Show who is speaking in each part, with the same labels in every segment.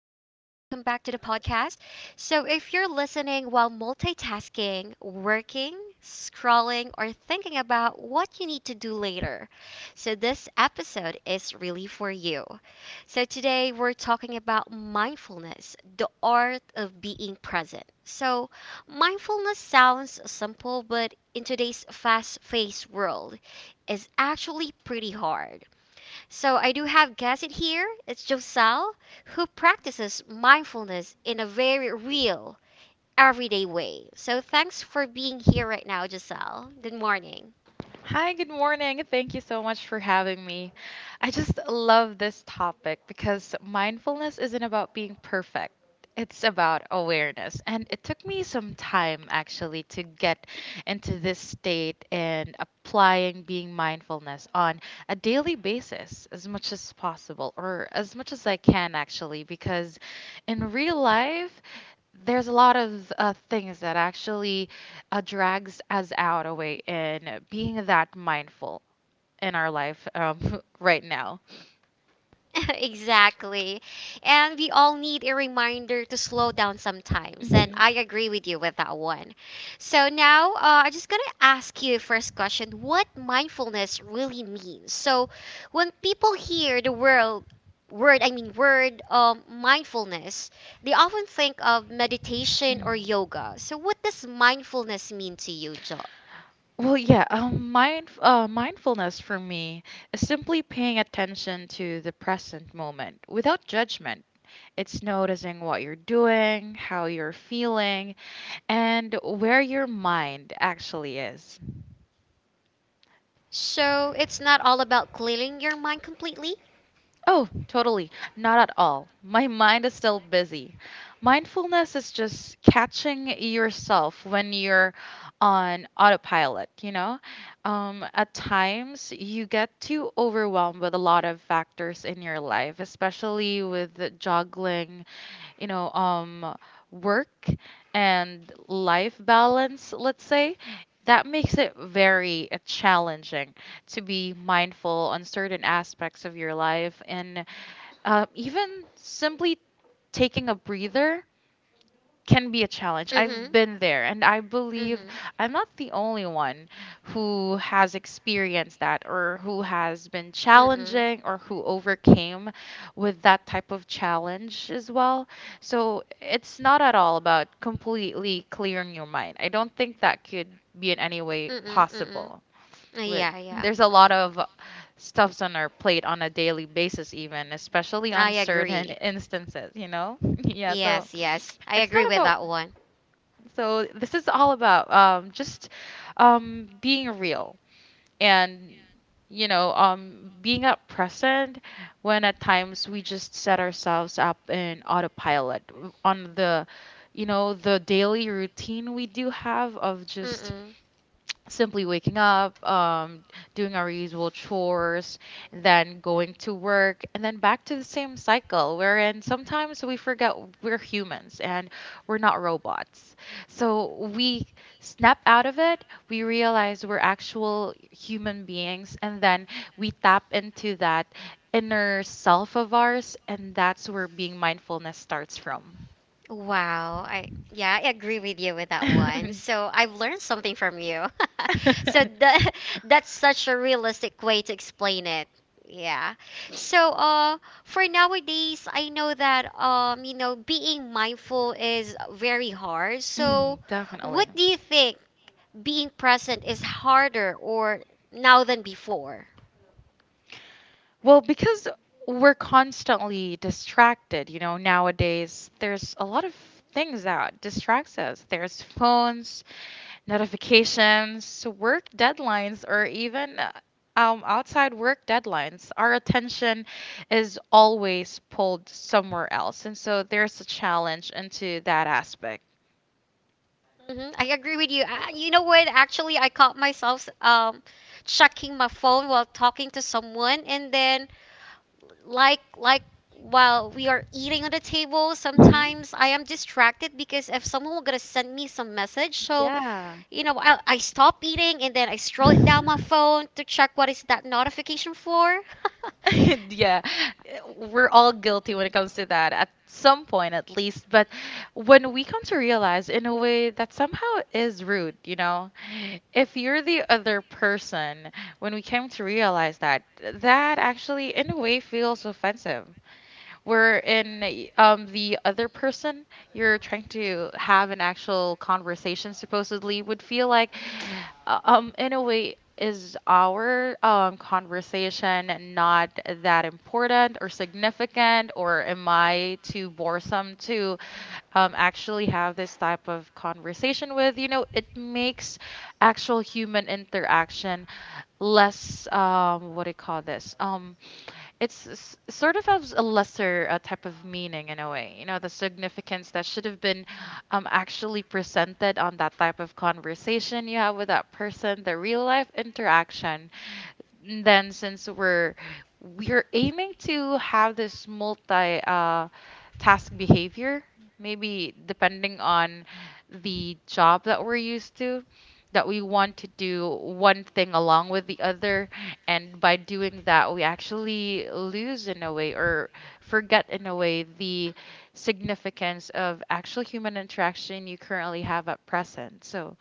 Speaker 1: back to the podcast. So if you're listening while multitasking, working, scrolling or thinking about what you need to do later, so this episode is really for you. So today we're talking about mindfulness, the art of being present. So mindfulness sounds simple, but in today's fast-paced world, is actually pretty hard. So I do have guest in here. It's Joselle who practices mindfulness in a very real, everyday way. So thanks for being here right now, Joselle. Good morning.
Speaker 2: Hi, good morning. Thank you so much for having me. I just love this topic because mindfulness isn't about being perfect. It's about awareness. And it took me some time actually to get into this state and applying being mindfulness on a daily basis as much as possible or as much as I can actually because in real life there's a lot of things that actually drags us out away in being that mindful in our life right now.
Speaker 1: Exactly. And we all need a reminder to slow down sometimes. And I agree with you with that one. So now I'm just going to ask you first question what mindfulness really means. So when people hear the word, mindfulness, they often think of meditation
Speaker 2: Mm.
Speaker 1: or yoga. So what does mindfulness mean to you, Jo?
Speaker 2: Well, yeah, mindfulness for me is simply paying attention to the present moment without judgment. It's noticing what you're doing, how you're feeling, and where your mind actually is.
Speaker 1: So it's not all about clearing your mind completely?
Speaker 2: Oh, totally. Not at all. My mind is still busy. Mindfulness is just catching yourself when you're on autopilot, you know? At times, you get too overwhelmed with a lot of factors in your life, especially with juggling you know um work and life balance, let's say, that makes it very challenging to be mindful on certain aspects of your life, and even simply taking a breather can be a challenge. I've
Speaker 1: Mm-hmm.
Speaker 2: been there, and I believe
Speaker 1: Mm-hmm.
Speaker 2: I'm not the only one who has experienced that, or who has been
Speaker 1: Mm-mm.
Speaker 2: challenging, or who overcame with that type of challenge as well. So it's not at all about completely clearing your mind. I don't think that could be in any way
Speaker 1: Mm-mm. Mm-mm.
Speaker 2: possible. With
Speaker 1: Yeah, yeah.
Speaker 2: there's a lot of stuffs on our plate on a daily basis, even especially
Speaker 1: I
Speaker 2: on certain
Speaker 1: agree.
Speaker 2: instances, you know? Yeah, so
Speaker 1: Yes, yes. I
Speaker 2: it's not
Speaker 1: agree with
Speaker 2: about,
Speaker 1: that one.
Speaker 2: so this is all about just being real, and being up present when at times we just set ourselves up in autopilot on the you know the daily routine we do have of just
Speaker 1: Mm-mm.
Speaker 2: simply waking up, doing our usual chores, then going to work, and then back to the same cycle, wherein sometimes we forget we're humans and we're not robots. So we snap out of it, we realize we're actual human beings, and then we tap into that inner self of ours, and that's where being mindfulness starts from.
Speaker 1: Wow. I yeah, I agree with you with that one. So I've learned something from you. So that that's such a realistic way to explain it. Yeah. So for nowadays I know that you know being mindful is very hard. So
Speaker 2: Mm,
Speaker 1: what
Speaker 2: definitely.
Speaker 1: do you think being present is harder or now than before.
Speaker 2: Well, because we're constantly distracted, you know, nowadays. There's a lot of things that distracts us. There's phones, notifications, work deadlines, or even outside work deadlines. Our attention is always pulled somewhere else. And so there's a challenge into that aspect.
Speaker 1: Hmm, I agree with you. You know what? Actually, I caught myself checking my phone while talking to someone, and then like while we are eating on the table,
Speaker 2: Mhm.
Speaker 1: sometimes I am distracted because if someone were gonna send me some message, so
Speaker 2: Yeah.
Speaker 1: you know, I stop eating and then I scroll it down my phone to check what is that notification for.
Speaker 2: Yeah, we're all guilty when it comes to that at some point, at least. But when we come to realize, in a way, that somehow is rude, you know, if you're the other person, when we came to realize that, that actually, in a way, feels offensive. Where in the other person you're trying to have an actual conversation supposedly would feel like, in a way, is our conversation not that important or significant, or am I too boresome to actually have this type of conversation with? You know, it makes actual human interaction less, what do you call this? It's sort of has a lesser type of meaning in a way. You know, the significance that should have been actually presented on that type of conversation you have with that person, the real life interaction, then, since we're aiming to have this multi task behavior, maybe depending on the job that we're used to, that we want to do one thing along with the other, and by doing that we actually lose in a way, or forget in a way, the significance of actual human interaction you currently have at present. So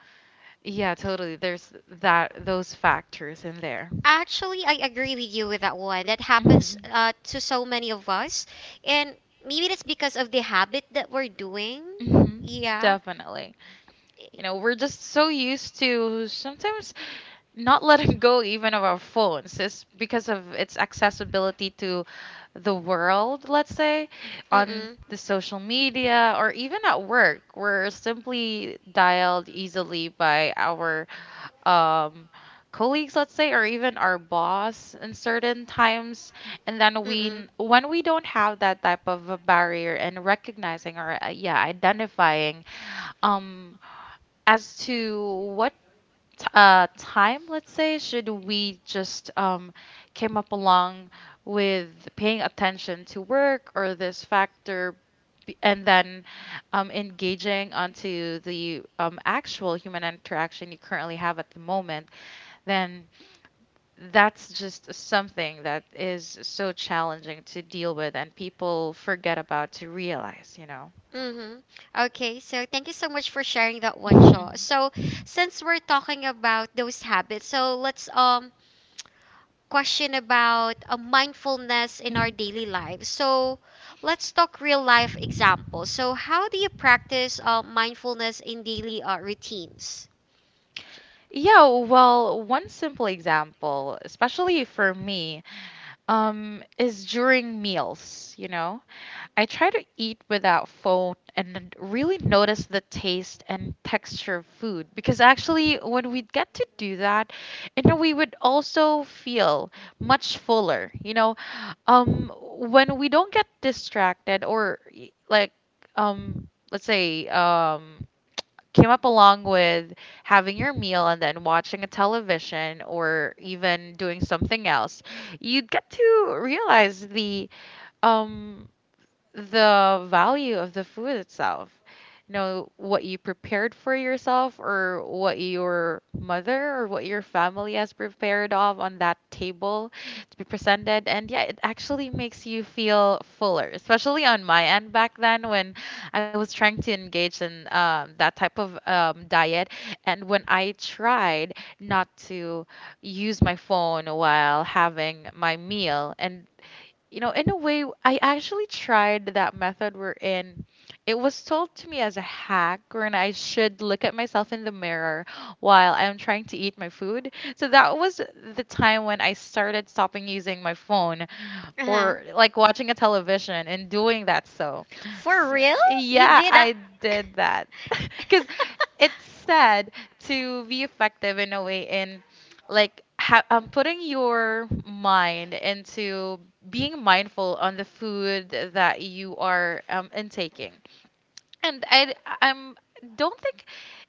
Speaker 2: yeah, totally. There's that, those factors in there.
Speaker 1: Actually, I agree with you with that one. That happens
Speaker 2: Hmm.
Speaker 1: to so many of us. And maybe that's because of the habit that we're
Speaker 2: To
Speaker 1: doing.
Speaker 2: us. Hmm.
Speaker 1: Yeah.
Speaker 2: Definitely. You know, we're just so used to sometimes not letting go even of our phones. It's because of its accessibility to the world, let's say, on
Speaker 1: Mm-mm.
Speaker 2: the social media or even at work. We're simply dialed easily by our um, colleagues, let's say, or even our boss in certain times. And then
Speaker 1: Mm-mm.
Speaker 2: when we don't have that type of a barrier and recognizing, or yeah, identifying um, as to what time, let's say, should we just came up along with paying attention to work or this factor, and then engaging onto the actual human interaction you currently have at the moment, then that's just something that is so challenging to deal with and people forget about to realize, you know.
Speaker 1: Mm-hmm. Okay, so thank you so much for sharing that one, Shaw. So since we're talking about those habits, so let's question about a mindfulness in
Speaker 2: Mhm.
Speaker 1: our
Speaker 2: Mhm.
Speaker 1: daily lives. So let's talk real life examples. So how do you practice mindfulness in daily routines?
Speaker 2: Yeah, well, one simple example, especially for me, is during meals. I try to eat without phone and then really notice the taste and texture of food, because actually, when we get to do that, we would also feel much fuller. You know, um, when we don't get distracted or like, let's say, came up along with having your meal and then watching a television or even doing something else, you'd get to realize the um value of the food itself. You know, what you prepared for yourself, or what your mother or what your family has prepared of on that table to be presented. And yeah, it actually makes you feel fuller, especially on my end back then when I was trying to engage in that type of diet. And when I tried not to use my phone while having my meal, and in a way, I actually tried that method wherein it was told to me as a hack, wherein I should look at myself in the mirror while I'm trying to eat my food. So that was the time when I started stopping using my phone
Speaker 1: Uh-huh.
Speaker 2: or like watching a television and doing that, so,
Speaker 1: For
Speaker 2: so
Speaker 1: real? You
Speaker 2: yeah,
Speaker 1: did that?
Speaker 2: I did that. Because it's said to be effective in a way in, like, putting your mind into being mindful on the food that you are intaking. And I'm don't think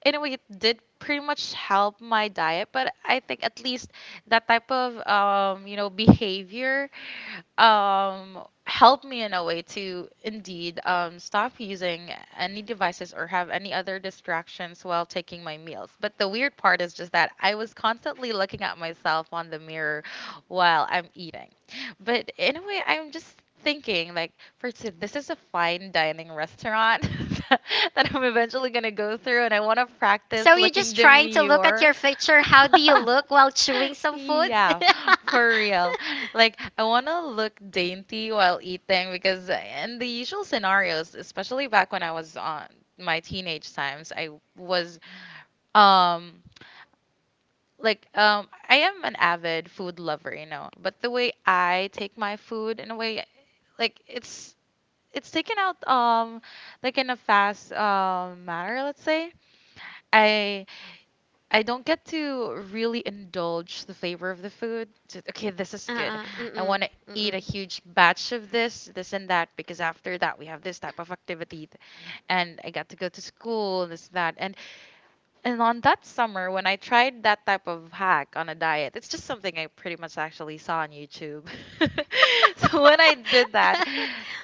Speaker 2: in a way it did pretty much help my diet, but I think at least that type of behavior um helped me in a way to indeed stop using any devices or have any other distractions while taking my meals. But the weird part is just that I was constantly looking at myself on the mirror while I'm eating. But in a way, I'm just thinking, like, first, this is a fine dining restaurant that I'm eventually going to go through, and I want to practice
Speaker 1: So you're
Speaker 2: looking
Speaker 1: just trying to look at
Speaker 2: demure.
Speaker 1: your picture. How do you look while chewing some food?
Speaker 2: Yeah, for real. Like, I want to look dainty while eating because, in the usual scenarios, especially back when I was on my teenage times, was, um, like, I am an avid food lover, but the way I take my food in a way, like, it's taken out, like in a fast, manner, let's say. I I don't get to really indulge the flavor of the food. Just, okay, this is good.
Speaker 1: uh,
Speaker 2: I
Speaker 1: mm-mm,
Speaker 2: want to eat a
Speaker 1: mm-mm.
Speaker 2: huge batch of this and that, because after that we have this type of activity, and I got to go to school, this, that, and on that summer, when I tried that type of hack on a diet, it's just something I pretty much actually saw on YouTube. So when I did that,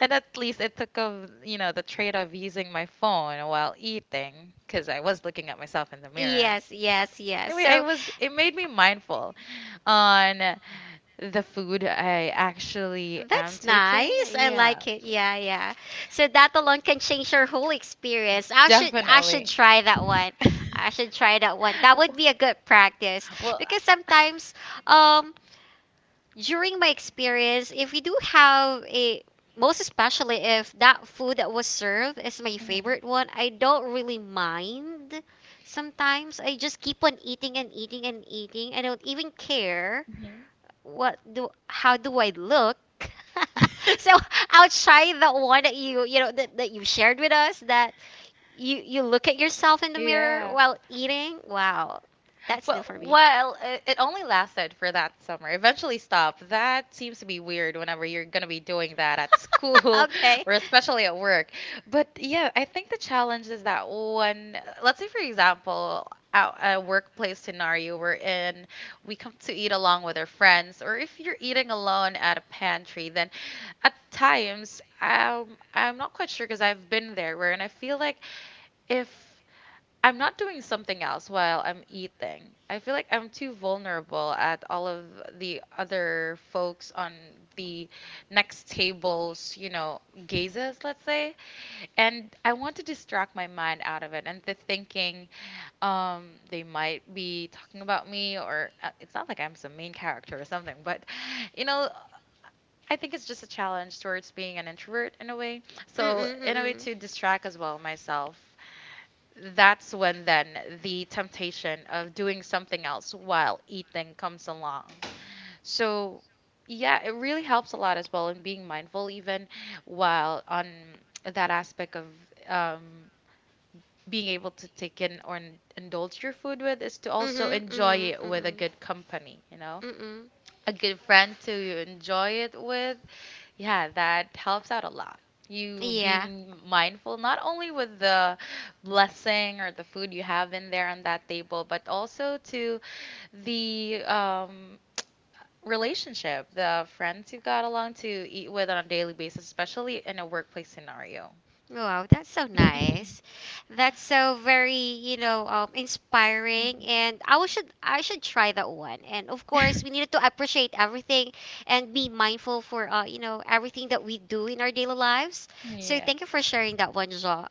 Speaker 2: and at least it took of the trade of using my phone while eating, because I was looking at myself in the mirror.
Speaker 1: Yes, yes, yes.
Speaker 2: Anyway, I
Speaker 1: So
Speaker 2: was it made me mindful on the food I actually am
Speaker 1: that's
Speaker 2: taking.
Speaker 1: nice. I
Speaker 2: Yeah,
Speaker 1: like
Speaker 2: like,
Speaker 1: it.
Speaker 2: yeah.
Speaker 1: Yeah, yeah. So that alone can change your whole experience. I should
Speaker 2: Definitely.
Speaker 1: try that one.
Speaker 2: I
Speaker 1: I
Speaker 2: should.
Speaker 1: should try that one. That would be a good practice
Speaker 2: Well.
Speaker 1: because sometimes um during my experience, if we do have a most especially if that food that was served is my favorite one, I don't
Speaker 2: Mm-hmm.
Speaker 1: really mind. Sometimes I just keep on eating and eating and eating. I don't even care
Speaker 2: Mind, hmm.
Speaker 1: what do how do I look. So
Speaker 2: You.
Speaker 1: I'll try the one that you know that, that you shared with us that you look at yourself in the mirror
Speaker 2: Yeah.
Speaker 1: while eating. Wow, that's new
Speaker 2: Well,
Speaker 1: for me.
Speaker 2: well, it only lasted for that summer. Eventually stopped. That seems to be weird whenever you're going to be doing that at school
Speaker 1: Okay.
Speaker 2: or especially at
Speaker 1: Mm.
Speaker 2: work. But yeah, I think the challenge is that one, let's say, for example, out a workplace scenario we're in, we come to eat along with our friends, or if you're eating alone at a pantry, then at times, I'm not quite sure, because I've been there where, and I feel like if I'm not doing something else while I'm eating, I feel like I'm too vulnerable at all of the other folks on the next table's gazes, let's say, and I want to distract my mind out of it, and the thinking they might be talking about me, or it's not like I'm some main character or something, but you know I think it's just a challenge towards being an introvert in a way. So,
Speaker 1: Mm-mm,
Speaker 2: in a way,
Speaker 1: mm-mm.
Speaker 2: to distract as well myself, that's when then the temptation of doing something else while eating comes along. So, yeah, it really helps a lot as well in being mindful, even while on that aspect of um, being able to take in or indulge your food with, is to also
Speaker 1: Mhm, mm
Speaker 2: enjoy
Speaker 1: mm
Speaker 2: it with a
Speaker 1: mm-mm.
Speaker 2: good company, you know?
Speaker 1: Mm-mm.
Speaker 2: A good friend to enjoy it with, yeah, that helps out a lot. You be
Speaker 1: Yeah.
Speaker 2: mindful not only with the blessing or the food you have in there on that table, but also to the relationship, the friends you got along to eat with on a daily basis, especially in a workplace scenario.
Speaker 1: Wow, that's so nice. That's so very, you know, inspiring. And I was- should I should try that one. And of course, we needed to appreciate everything and be mindful for you know, everything that we do in our daily lives. So
Speaker 2: Yeah.
Speaker 1: thank you for sharing that one, Ja.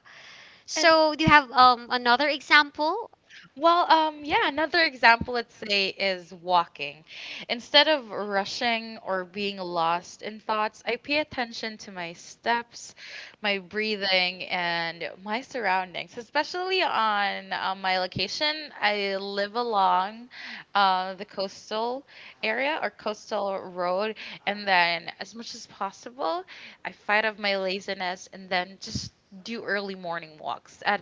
Speaker 2: And
Speaker 1: So do you have another example?
Speaker 2: Well, yeah, another example, let's say, is walking. Instead of rushing or being lost in thoughts, I pay attention to my steps, my breathing, and my surroundings, especially on my location. I live along the coastal area or coastal road, and then as much as possible, I fight off my laziness and then just do early morning walks at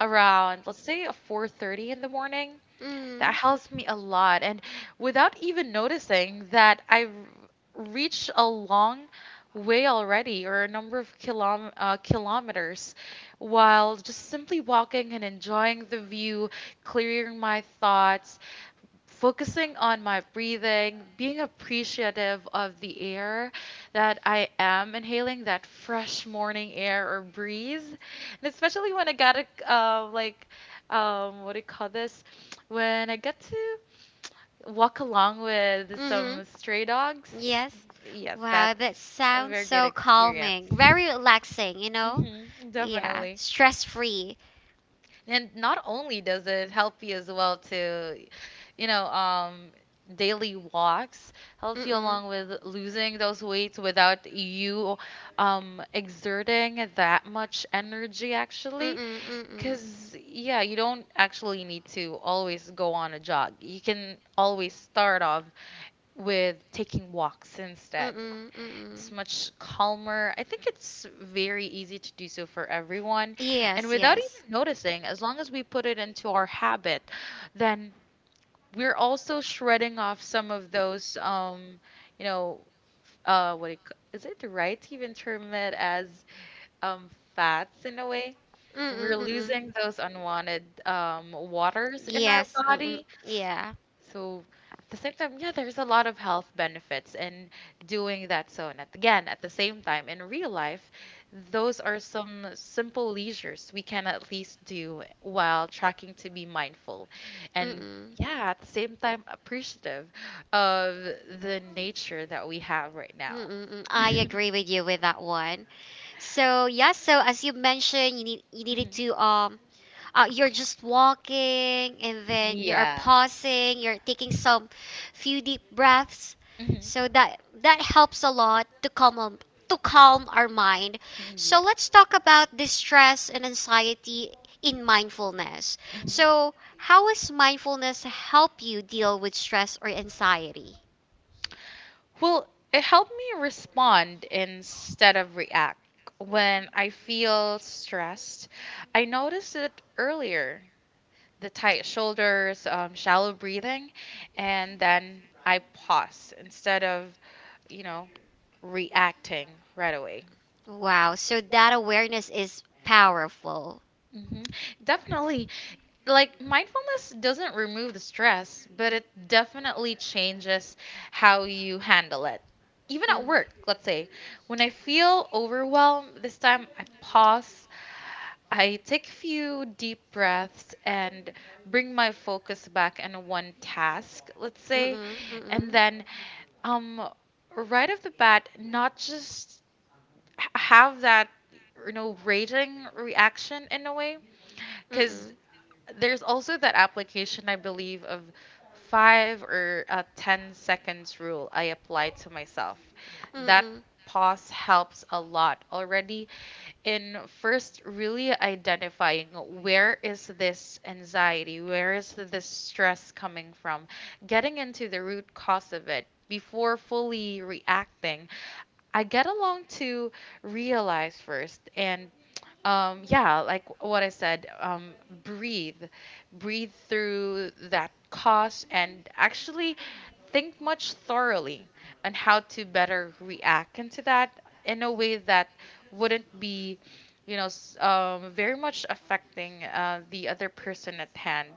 Speaker 2: around, let's say, 4:30 in the morning.
Speaker 1: Mm.
Speaker 2: That helps me a lot, and without even noticing that I reached a long way already or a number of kilometers while just simply walking and enjoying the view, clearing my thoughts, focusing on my breathing, being appreciative of the air that I am inhaling, that fresh morning air or breeze, and especially when I got to uh, like, what do you call this? When I got to walk along with
Speaker 1: Mm-hmm.
Speaker 2: some stray dogs.
Speaker 1: Yes.
Speaker 2: Yes. Wow,
Speaker 1: Wow,
Speaker 2: that's
Speaker 1: that
Speaker 2: a
Speaker 1: sounds
Speaker 2: very good
Speaker 1: so nice.
Speaker 2: experience.
Speaker 1: Calming. Very relaxing, you know?
Speaker 2: Hmm. Yeah,
Speaker 1: Yeah,
Speaker 2: definitely.
Speaker 1: stress free.
Speaker 2: And not only does it help you as well to, you know, um, daily walks helps you
Speaker 1: Mm-mm.
Speaker 2: along with losing those weights without you exerting that much energy, actually.
Speaker 1: Mm-mm, mm-mm.
Speaker 2: Because, yeah, you don't actually need to always go on a jog. You can always start off with taking walks instead.
Speaker 1: Mm-mm,
Speaker 2: It's
Speaker 1: mm-mm.
Speaker 2: much calmer. I think it's very easy to do so for everyone. And
Speaker 1: Yes,
Speaker 2: without even
Speaker 1: yes.
Speaker 2: noticing, as long as we put it into our habit, then we're also shredding off some of those, you know, what do you is it right to even term it as fats in a way?
Speaker 1: Mm mm
Speaker 2: We're
Speaker 1: mm mm.
Speaker 2: losing those unwanted waters in our
Speaker 1: Yes. Mm mm.
Speaker 2: body.
Speaker 1: Yeah.
Speaker 2: So, at the same time, yeah, there's a lot of health benefits in doing that. So, and at, again, at the same time, in real life, those are some simple leisures we can at least do while tracking to be mindful.
Speaker 1: Mm
Speaker 2: And
Speaker 1: mm.
Speaker 2: yeah, at the same time, appreciative of the nature that we have right
Speaker 1: Mm,
Speaker 2: now.
Speaker 1: mm, mm. I agree with you with that one. So yeah, so as you mentioned, you needed to you're just walking and
Speaker 2: Mhm.
Speaker 1: then you are
Speaker 2: Yeah.
Speaker 1: pausing you're taking some few deep breaths
Speaker 2: Mhm.
Speaker 1: so that that helps a lot to calm our mind.
Speaker 2: Yeah.
Speaker 1: So let's talk about the stress and anxiety in mindfulness.
Speaker 2: Mhm.
Speaker 1: So how does mindfulness help you deal with stress or anxiety?
Speaker 2: Well, it helped me respond instead of react. When I feel stressed, I notice it earlier, the tight shoulders, shallow breathing, and then I pause instead of, you know, reacting right away.
Speaker 1: Wow, so that awareness is powerful.
Speaker 2: Hmm. Definitely. Like, mindfulness doesn't remove the stress, but it definitely changes how you handle it. Even
Speaker 1: Mm.
Speaker 2: at work, let's say, when I feel overwhelmed, this time I pause, I take a few deep breaths and bring my focus back on one task, let's say, and then, um right off the bat, not just have that, you know, raging reaction in a way,
Speaker 1: Because
Speaker 2: because
Speaker 1: Mm-mm.
Speaker 2: there's also that application, I believe, of five or 10 seconds rule I apply to myself. That pause helps a lot already in first really identifying where is this anxiety, where is this stress coming from, getting into the root cause of it. Before fully reacting, I get along to realize first and, yeah, like what I said, breathe, breathe through that cost and actually think much thoroughly on how to better react into that in a way that wouldn't be, you know, very much affecting, the other person at hand,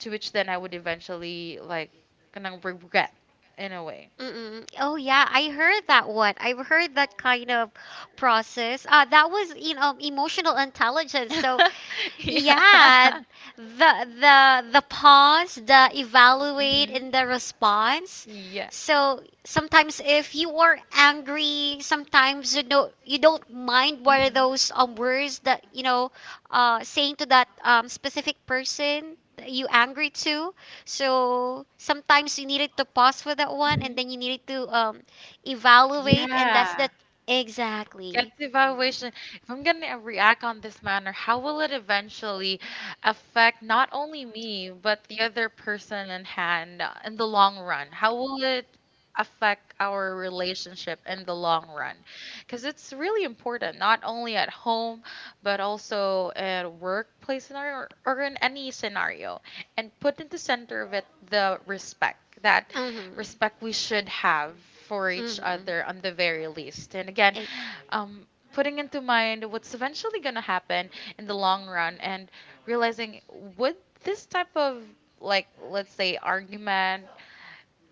Speaker 2: to which then I would eventually like kind of regret in a way.
Speaker 1: Mm-mm. Oh yeah, I heard that one. I've heard that kind of process. That was in emotional intelligence.
Speaker 2: So,
Speaker 1: So yeah,
Speaker 2: yeah.
Speaker 1: the the pause, the evaluate, and the
Speaker 2: Mm-hmm.
Speaker 1: response.
Speaker 2: Yeah.
Speaker 1: So sometimes if you are angry, sometimes you know you don't mind what are
Speaker 2: Mm-hmm.
Speaker 1: those words that you know saying to that specific person that you angry to. So sometimes you needed to pause for that one and
Speaker 2: Mm-hmm.
Speaker 1: then you needed to evaluate and that's
Speaker 2: Yeah.
Speaker 1: that
Speaker 2: Yes,
Speaker 1: exactly.
Speaker 2: evaluation. If I'm going to react on this manner, how will it eventually affect not only me, but the other person in hand, in the long run? How will it affect our relationship in the long run? Because it's really important, not only at home, but also at a workplace scenario, or in any scenario. And put in the center of it the respect that
Speaker 1: Mhm.
Speaker 2: respect we should have for each
Speaker 1: Mhm.
Speaker 2: other on the very least. And again, um, putting into mind what's eventually going to happen in the long run, and realizing would this type of, like, let's say, argument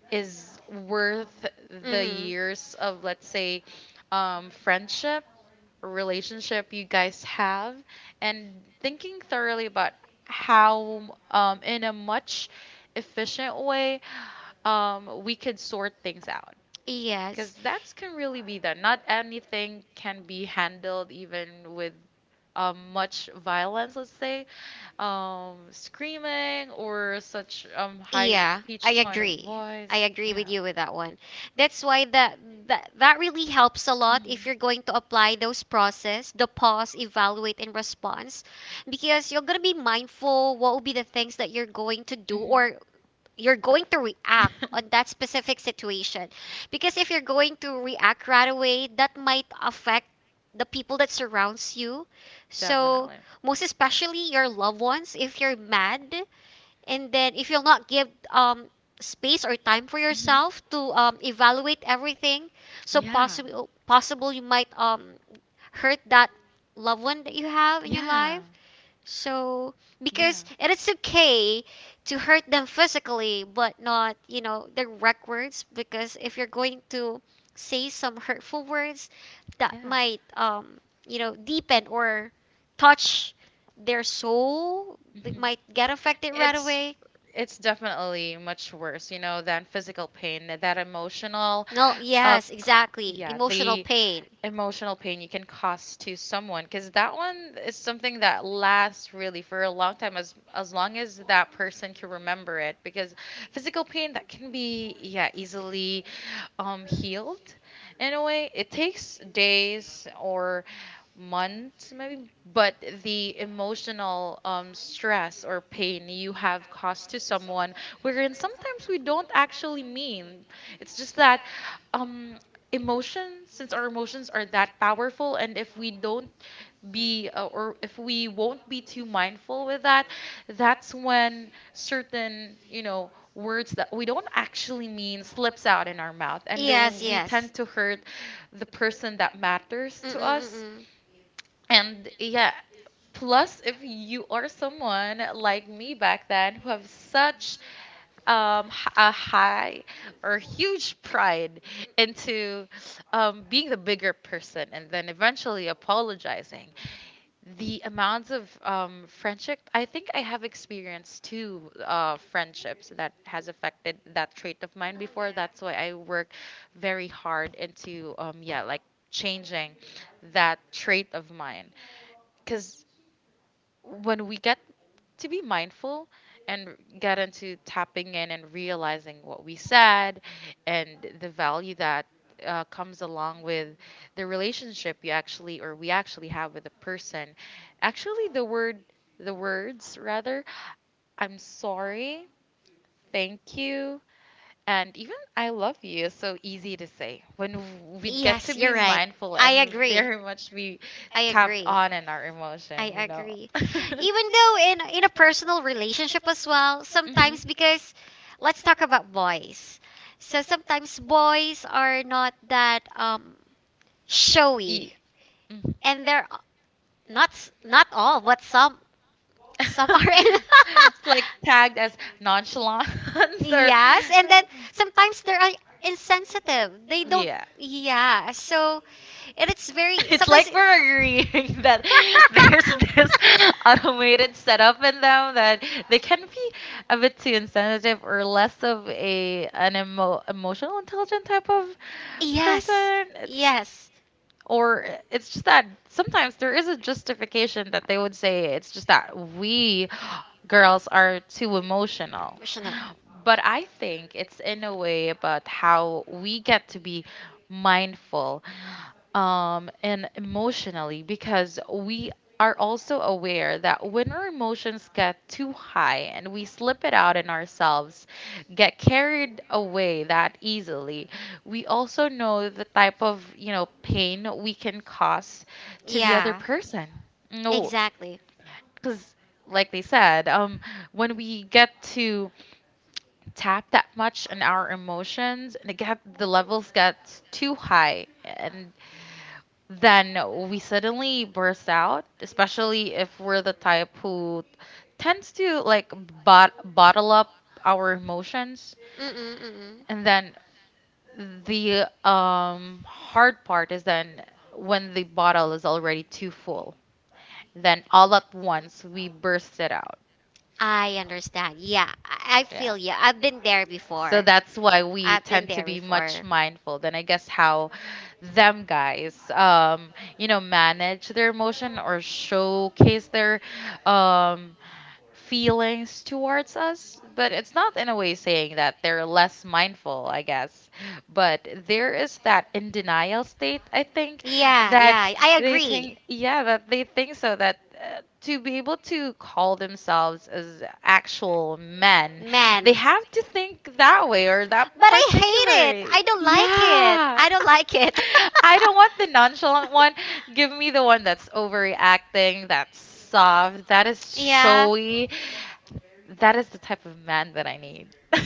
Speaker 2: is worth the
Speaker 1: Mhm.
Speaker 2: years of, let's say, friendship or relationship you guys have, and thinking thoroughly about how, in a much efficient way, we could sort things out,
Speaker 1: Because yes.
Speaker 2: because that can really be that. Not anything can be handled even with much violence, let's say, screaming or such,
Speaker 1: Yeah, I
Speaker 2: pitched. I.
Speaker 1: agree. I agree with you with that one. That's why that really helps a lot if you're going to
Speaker 2: Hmm.
Speaker 1: apply those process, the pause, evaluate and response because you're going to be mindful what will be the things that you're going to do
Speaker 2: Hmm.
Speaker 1: or you're going to react on that specific situation. Because if you're going to react right away, that might affect the people that surrounds you so most especially your loved ones, if you're mad and then if you'll not give space or time for yourself to evaluate everything, so possible you might hurt that loved one that
Speaker 2: Your
Speaker 1: you have in
Speaker 2: life.
Speaker 1: your
Speaker 2: Yeah.
Speaker 1: life. So because it is okay to hurt them physically, but not you know direct words. Because if you're going to say some hurtful words, that might you know deepen or touch their soul. They
Speaker 2: Mhm.
Speaker 1: might get affected right
Speaker 2: It's
Speaker 1: away.
Speaker 2: it's definitely much worse, you know, than physical pain. That, that emotional,
Speaker 1: No,
Speaker 2: uh,
Speaker 1: yes,
Speaker 2: co-
Speaker 1: exactly.
Speaker 2: yeah,
Speaker 1: Pain,
Speaker 2: the
Speaker 1: pain.
Speaker 2: emotional pain you can cause to someone, because that one is something that lasts really for a long time, as long as that person can remember it. Because physical pain, that can be, yeah, easily, healed in a way. It takes days or months, maybe, but the emotional, stress or pain you have caused to someone, wherein sometimes we don't actually mean. It's just that, um, emotions, since our emotions are that powerful, and if we don't be or if we won't be too mindful with that, that's when certain, you know, words that we don't actually mean slips out in our mouth, and
Speaker 1: Yes,
Speaker 2: we tend to hurt the person that matters
Speaker 1: mm
Speaker 2: to
Speaker 1: mm mm
Speaker 2: us.
Speaker 1: mm.
Speaker 2: And yeah, plus, if you are someone like me back then who have such, a high or huge pride into, being the bigger person and then eventually apologizing. The amounts of, friendship, I think I have experienced two, friendships that has affected that trait of mine before. That's why I work very hard into, yeah, like, changing that trait of mine, because when we get to be mindful and get into tapping in and realizing what we said, and the value that, comes along with the relationship you actually, or we actually have with a person. Actually, the word, the words rather, I'm sorry, thank you, and even I love you is so easy to say when we get to
Speaker 1: Yes, you're
Speaker 2: be
Speaker 1: right.
Speaker 2: mindful
Speaker 1: I
Speaker 2: and
Speaker 1: agree.
Speaker 2: very much be
Speaker 1: I
Speaker 2: tapped
Speaker 1: agree.
Speaker 2: on in our
Speaker 1: I
Speaker 2: emotion, you know.
Speaker 1: agree.
Speaker 2: Even
Speaker 1: Even though
Speaker 2: though,
Speaker 1: in a personal relationship as well,
Speaker 2: hmm.
Speaker 1: sometimes because let's talk about boys. So sometimes boys are not that
Speaker 2: E-
Speaker 1: showy
Speaker 2: mhm.
Speaker 1: and they're not not all, but some are.
Speaker 2: It's like tagged as nonchalant. Or
Speaker 1: Yes, and then sometimes they're like, insensitive. They don't.
Speaker 2: yeah.
Speaker 1: Yeah, so and it's very
Speaker 2: It's
Speaker 1: sometimes.
Speaker 2: like we're agreeing that there's this automated setup in them that they can be a bit too insensitive or less of a emotional intelligent type of
Speaker 1: Yes,
Speaker 2: person. It's,
Speaker 1: yes,
Speaker 2: or it's just that sometimes there is a justification that they would say, it's just that we girls are too emotional.
Speaker 1: personal.
Speaker 2: But I think it's in a way about how we get to be mindful, and emotionally, because we are also aware that when our emotions get too high and we slip it out in ourselves, get carried away that easily, we also know the type of, you know, pain we can cause to the other
Speaker 1: Yeah,
Speaker 2: person. No,
Speaker 1: exactly.
Speaker 2: because like they said, when we get to tap that much in our emotions and it get the levels get too high, and then we suddenly burst out, especially if we're the type who tends to like bottle up our emotions.
Speaker 1: Mm-mm, mm-mm.
Speaker 2: And then the, hard part is then when the bottle is already too full, then all at once we burst it out.
Speaker 1: I understand. Yeah, I
Speaker 2: Yeah.
Speaker 1: feel you. I've been there
Speaker 2: So
Speaker 1: before.
Speaker 2: that's why we
Speaker 1: I've been
Speaker 2: tend to
Speaker 1: there
Speaker 2: be much
Speaker 1: before.
Speaker 2: mindful. Then I guess how them guys you know manage their emotion or showcase their, um feelings towards us, but it's not in a way saying that they're less mindful, I guess. But there is that in denial state, I think,
Speaker 1: Yeah,
Speaker 2: that
Speaker 1: yeah, I
Speaker 2: they think
Speaker 1: agree.
Speaker 2: yeah that they think so, that to be able to call themselves as actual men, they
Speaker 1: Man.
Speaker 2: have to think that way or that
Speaker 1: But I hate it.
Speaker 2: particular.
Speaker 1: I don't like it.
Speaker 2: Yeah.
Speaker 1: I don't like it.
Speaker 2: I don't want the nonchalant one. Give me the one that's overreacting, that's soft, that is
Speaker 1: Yeah.
Speaker 2: showy. That is the type of man that I need.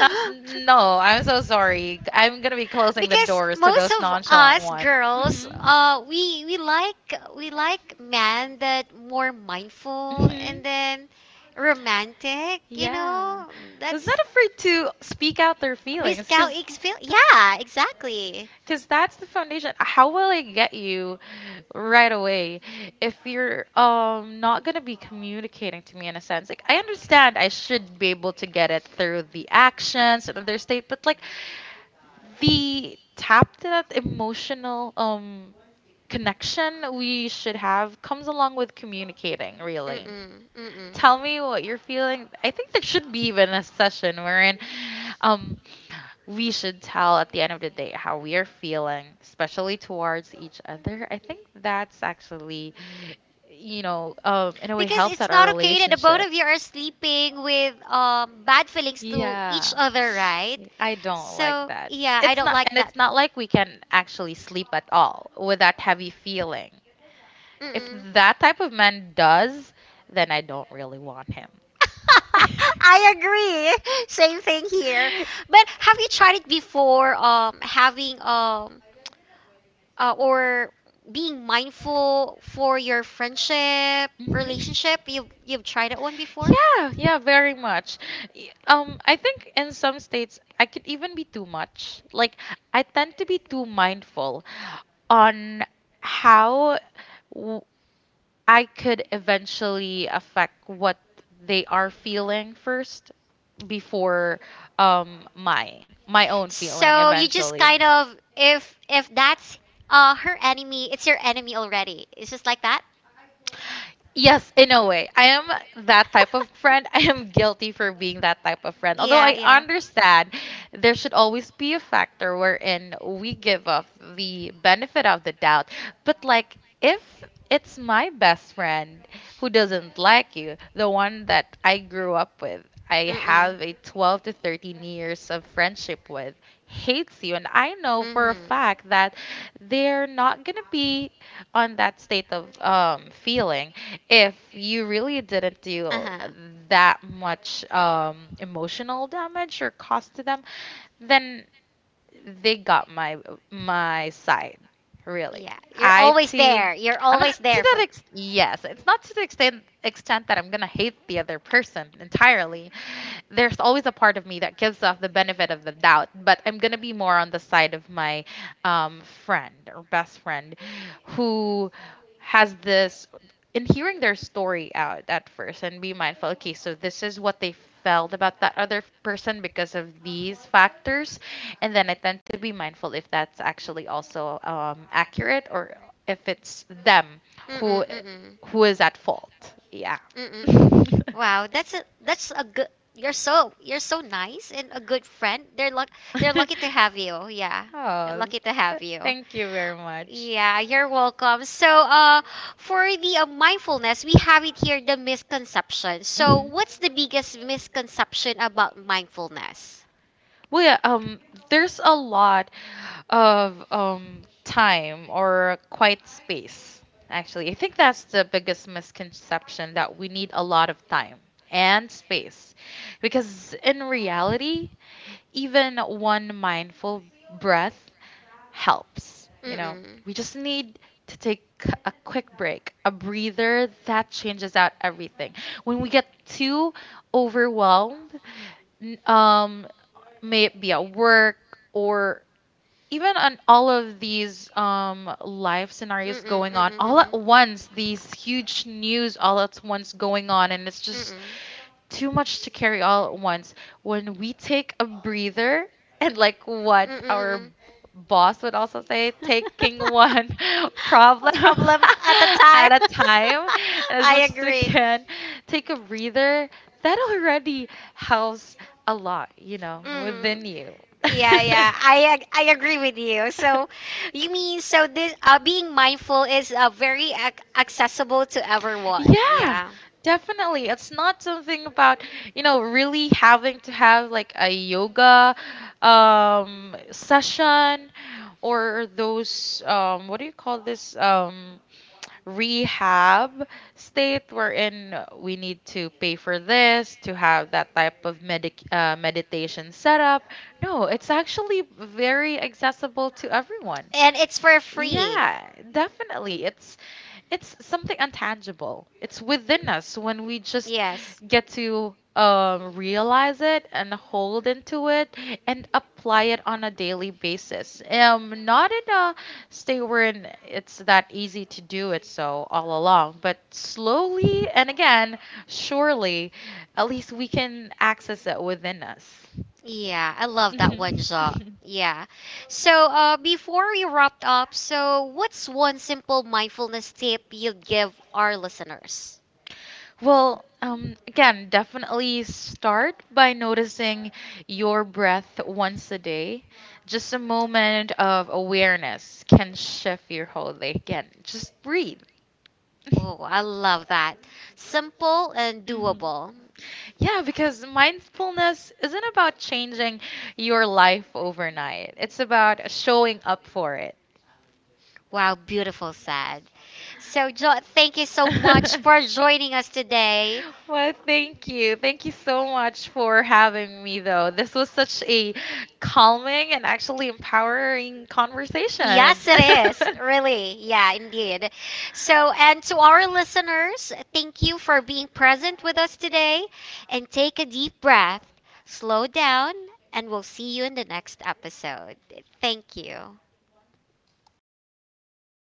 Speaker 2: Not, no, I'm so sorry. I'm gonna be closing the
Speaker 1: Because
Speaker 2: doors to
Speaker 1: most
Speaker 2: those
Speaker 1: of
Speaker 2: nonchalant
Speaker 1: us
Speaker 2: one.
Speaker 1: girls
Speaker 2: Mhm.
Speaker 1: we like we like men that more mindful
Speaker 2: Mhm.
Speaker 1: and then romantic you
Speaker 2: Yeah.
Speaker 1: know
Speaker 2: Who's
Speaker 1: that's
Speaker 2: not afraid to speak out their
Speaker 1: miss
Speaker 2: feelings.
Speaker 1: cow experience yeah exactly.
Speaker 2: Because that's the foundation. How will I get you right away if you're not gonna be communicating to me in a sense, like, I understand I should be able to get it through the actions and other state, but like the tap to that emotional connection we should have comes along with communicating. Really,
Speaker 1: Mm-mm, mm-mm.
Speaker 2: tell me what you're feeling. I think there should be even a session wherein um we should tell at the end of the day how we are feeling, especially towards each other. I think that's actually, in a way,
Speaker 1: Because
Speaker 2: helps
Speaker 1: it's
Speaker 2: out our
Speaker 1: not okay that the both
Speaker 2: relationship.
Speaker 1: of you are sleeping with bad feelings to
Speaker 2: Yeah.
Speaker 1: each other, right?
Speaker 2: I don't like
Speaker 1: So
Speaker 2: that.
Speaker 1: yeah, I
Speaker 2: It's
Speaker 1: don't
Speaker 2: not,
Speaker 1: like
Speaker 2: and
Speaker 1: that.
Speaker 2: it's not like we can actually sleep at all with that heavy feeling. If
Speaker 1: Mm-mm.
Speaker 2: that type of man does, then I don't really want him.
Speaker 1: I agree. Same thing here. But have you tried it before? Having or being mindful for your friendship
Speaker 2: hmm
Speaker 1: relationship. You you've tried that one before?
Speaker 2: Yeah, yeah, very much. I think in some states I could even be too much. Like I tend to be too mindful on how w- I could eventually affect what they are feeling first before mine my own feeling
Speaker 1: So you just
Speaker 2: eventually.
Speaker 1: kind of if that's her enemy, it's your enemy already. It's just like that.
Speaker 2: Yes, in a way. I am that type of friend. I am guilty for being that type of friend. Although
Speaker 1: Yeah,
Speaker 2: I
Speaker 1: yeah.
Speaker 2: understand there should always be a factor wherein we give off the benefit of the doubt. But like if it's my best friend who doesn't like you, the one that I grew up with, I
Speaker 1: Mm-mm.
Speaker 2: have a 12 to 13 years of friendship with, hates you, and I know for a fact that they're not going to be on that state of feeling, if you really didn't
Speaker 1: Mm-hmm.
Speaker 2: deal
Speaker 1: Uh-huh.
Speaker 2: that much emotional damage or cost to them, then they got my side. Really,
Speaker 1: Yeah, you're
Speaker 2: I
Speaker 1: always
Speaker 2: too.
Speaker 1: there. You're
Speaker 2: I'm not
Speaker 1: always
Speaker 2: to
Speaker 1: there
Speaker 2: that
Speaker 1: for.
Speaker 2: ex- Yes, it's not to the extent that I'm gonna hate the other person entirely. There's always a part of me that gives off the benefit of the doubt, but I'm gonna be more on the side of my friend or best friend who has this, in hearing their story out at first and be mindful. Okay, so this is what they felt about that other person because of these factors, and then I tend to be mindful if that's actually also accurate or if it's them
Speaker 1: Mm-mm,
Speaker 2: who
Speaker 1: mm-mm.
Speaker 2: who is at fault, yeah.
Speaker 1: Mm-mm. Mm. Wow, that's a good. You're so nice and a good friend. They're lucky to have you. Yeah, they're
Speaker 2: Oh,
Speaker 1: lucky to have you.
Speaker 2: thank you very much.
Speaker 1: Yeah, you're welcome. So, for the mindfulness, we have it here the misconception. So, what's
Speaker 2: Hmm
Speaker 1: the biggest misconception about mindfulness?
Speaker 2: Well, yeah, there's a lot of time or quiet space. Actually, I think that's the biggest misconception, that we need a lot of time and space, because in reality, even one mindful breath helps. You know,
Speaker 1: Mm-mm.
Speaker 2: we just need to take a quick break, a breather that changes out everything. When we get too overwhelmed, n- um, may it be at work or even on all of these life
Speaker 1: Mm-mm,
Speaker 2: scenarios going on
Speaker 1: mm-mm,
Speaker 2: all at
Speaker 1: mm-mm.
Speaker 2: once, these huge news all at once going on, and it's just
Speaker 1: Mm-mm.
Speaker 2: too much to carry all at once. When we take a breather, and like what
Speaker 1: Mm-mm.
Speaker 2: our
Speaker 1: Mm.
Speaker 2: boss would also say, taking one problem
Speaker 1: Problem at the time.
Speaker 2: at a time, and as
Speaker 1: I
Speaker 2: much as we
Speaker 1: agree.
Speaker 2: can take a breather, that already helps a lot, you know,
Speaker 1: Hmm.
Speaker 2: within you.
Speaker 1: Yeah, yeah. I agree with you. So, you mean so this being mindful is very accessible to everyone.
Speaker 2: Yeah,
Speaker 1: Yeah.
Speaker 2: definitely. It's not something about, you know, really having to have like a yoga session, or those what do you call this, rehab state, wherein we need to pay for this to have that type of medic meditation setup. No, it's actually very accessible to everyone.
Speaker 1: And it's for free.
Speaker 2: Yeah, definitely. It's something intangible. It's within us. When we just
Speaker 1: Yes.
Speaker 2: get to realize it and hold into it and apply it on a daily basis. Not in a state wherein it's that easy to do it so all along, but
Speaker 1: Slow.
Speaker 2: slowly and, again, surely, at least we can access it within us.
Speaker 1: Yeah, I love that
Speaker 2: Mhm.
Speaker 1: one, Jaw. Yeah. So, before we wrap up, so what's one simple mindfulness tip you'd give our listeners?
Speaker 2: Well, again, definitely start by noticing your breath once a day. Just a moment of awareness can shift your whole day. Again, just breathe.
Speaker 1: Oh, I love that. Simple and
Speaker 2: Mhm.
Speaker 1: doable.
Speaker 2: Yeah, because mindfulness isn't about changing your life overnight, it's about showing up for it.
Speaker 1: Wow, beautiful said. So, Jaw, thank you so much for joining us today.
Speaker 2: Well, thank you. Thank you so much for having me, though. This was such a calming and actually empowering conversation.
Speaker 1: Yes, it is. Really. Yeah, indeed. So, and to our listeners, thank you for being present with us today. And take a deep breath, slow down, and we'll see you in the next episode. Thank you. Perfect.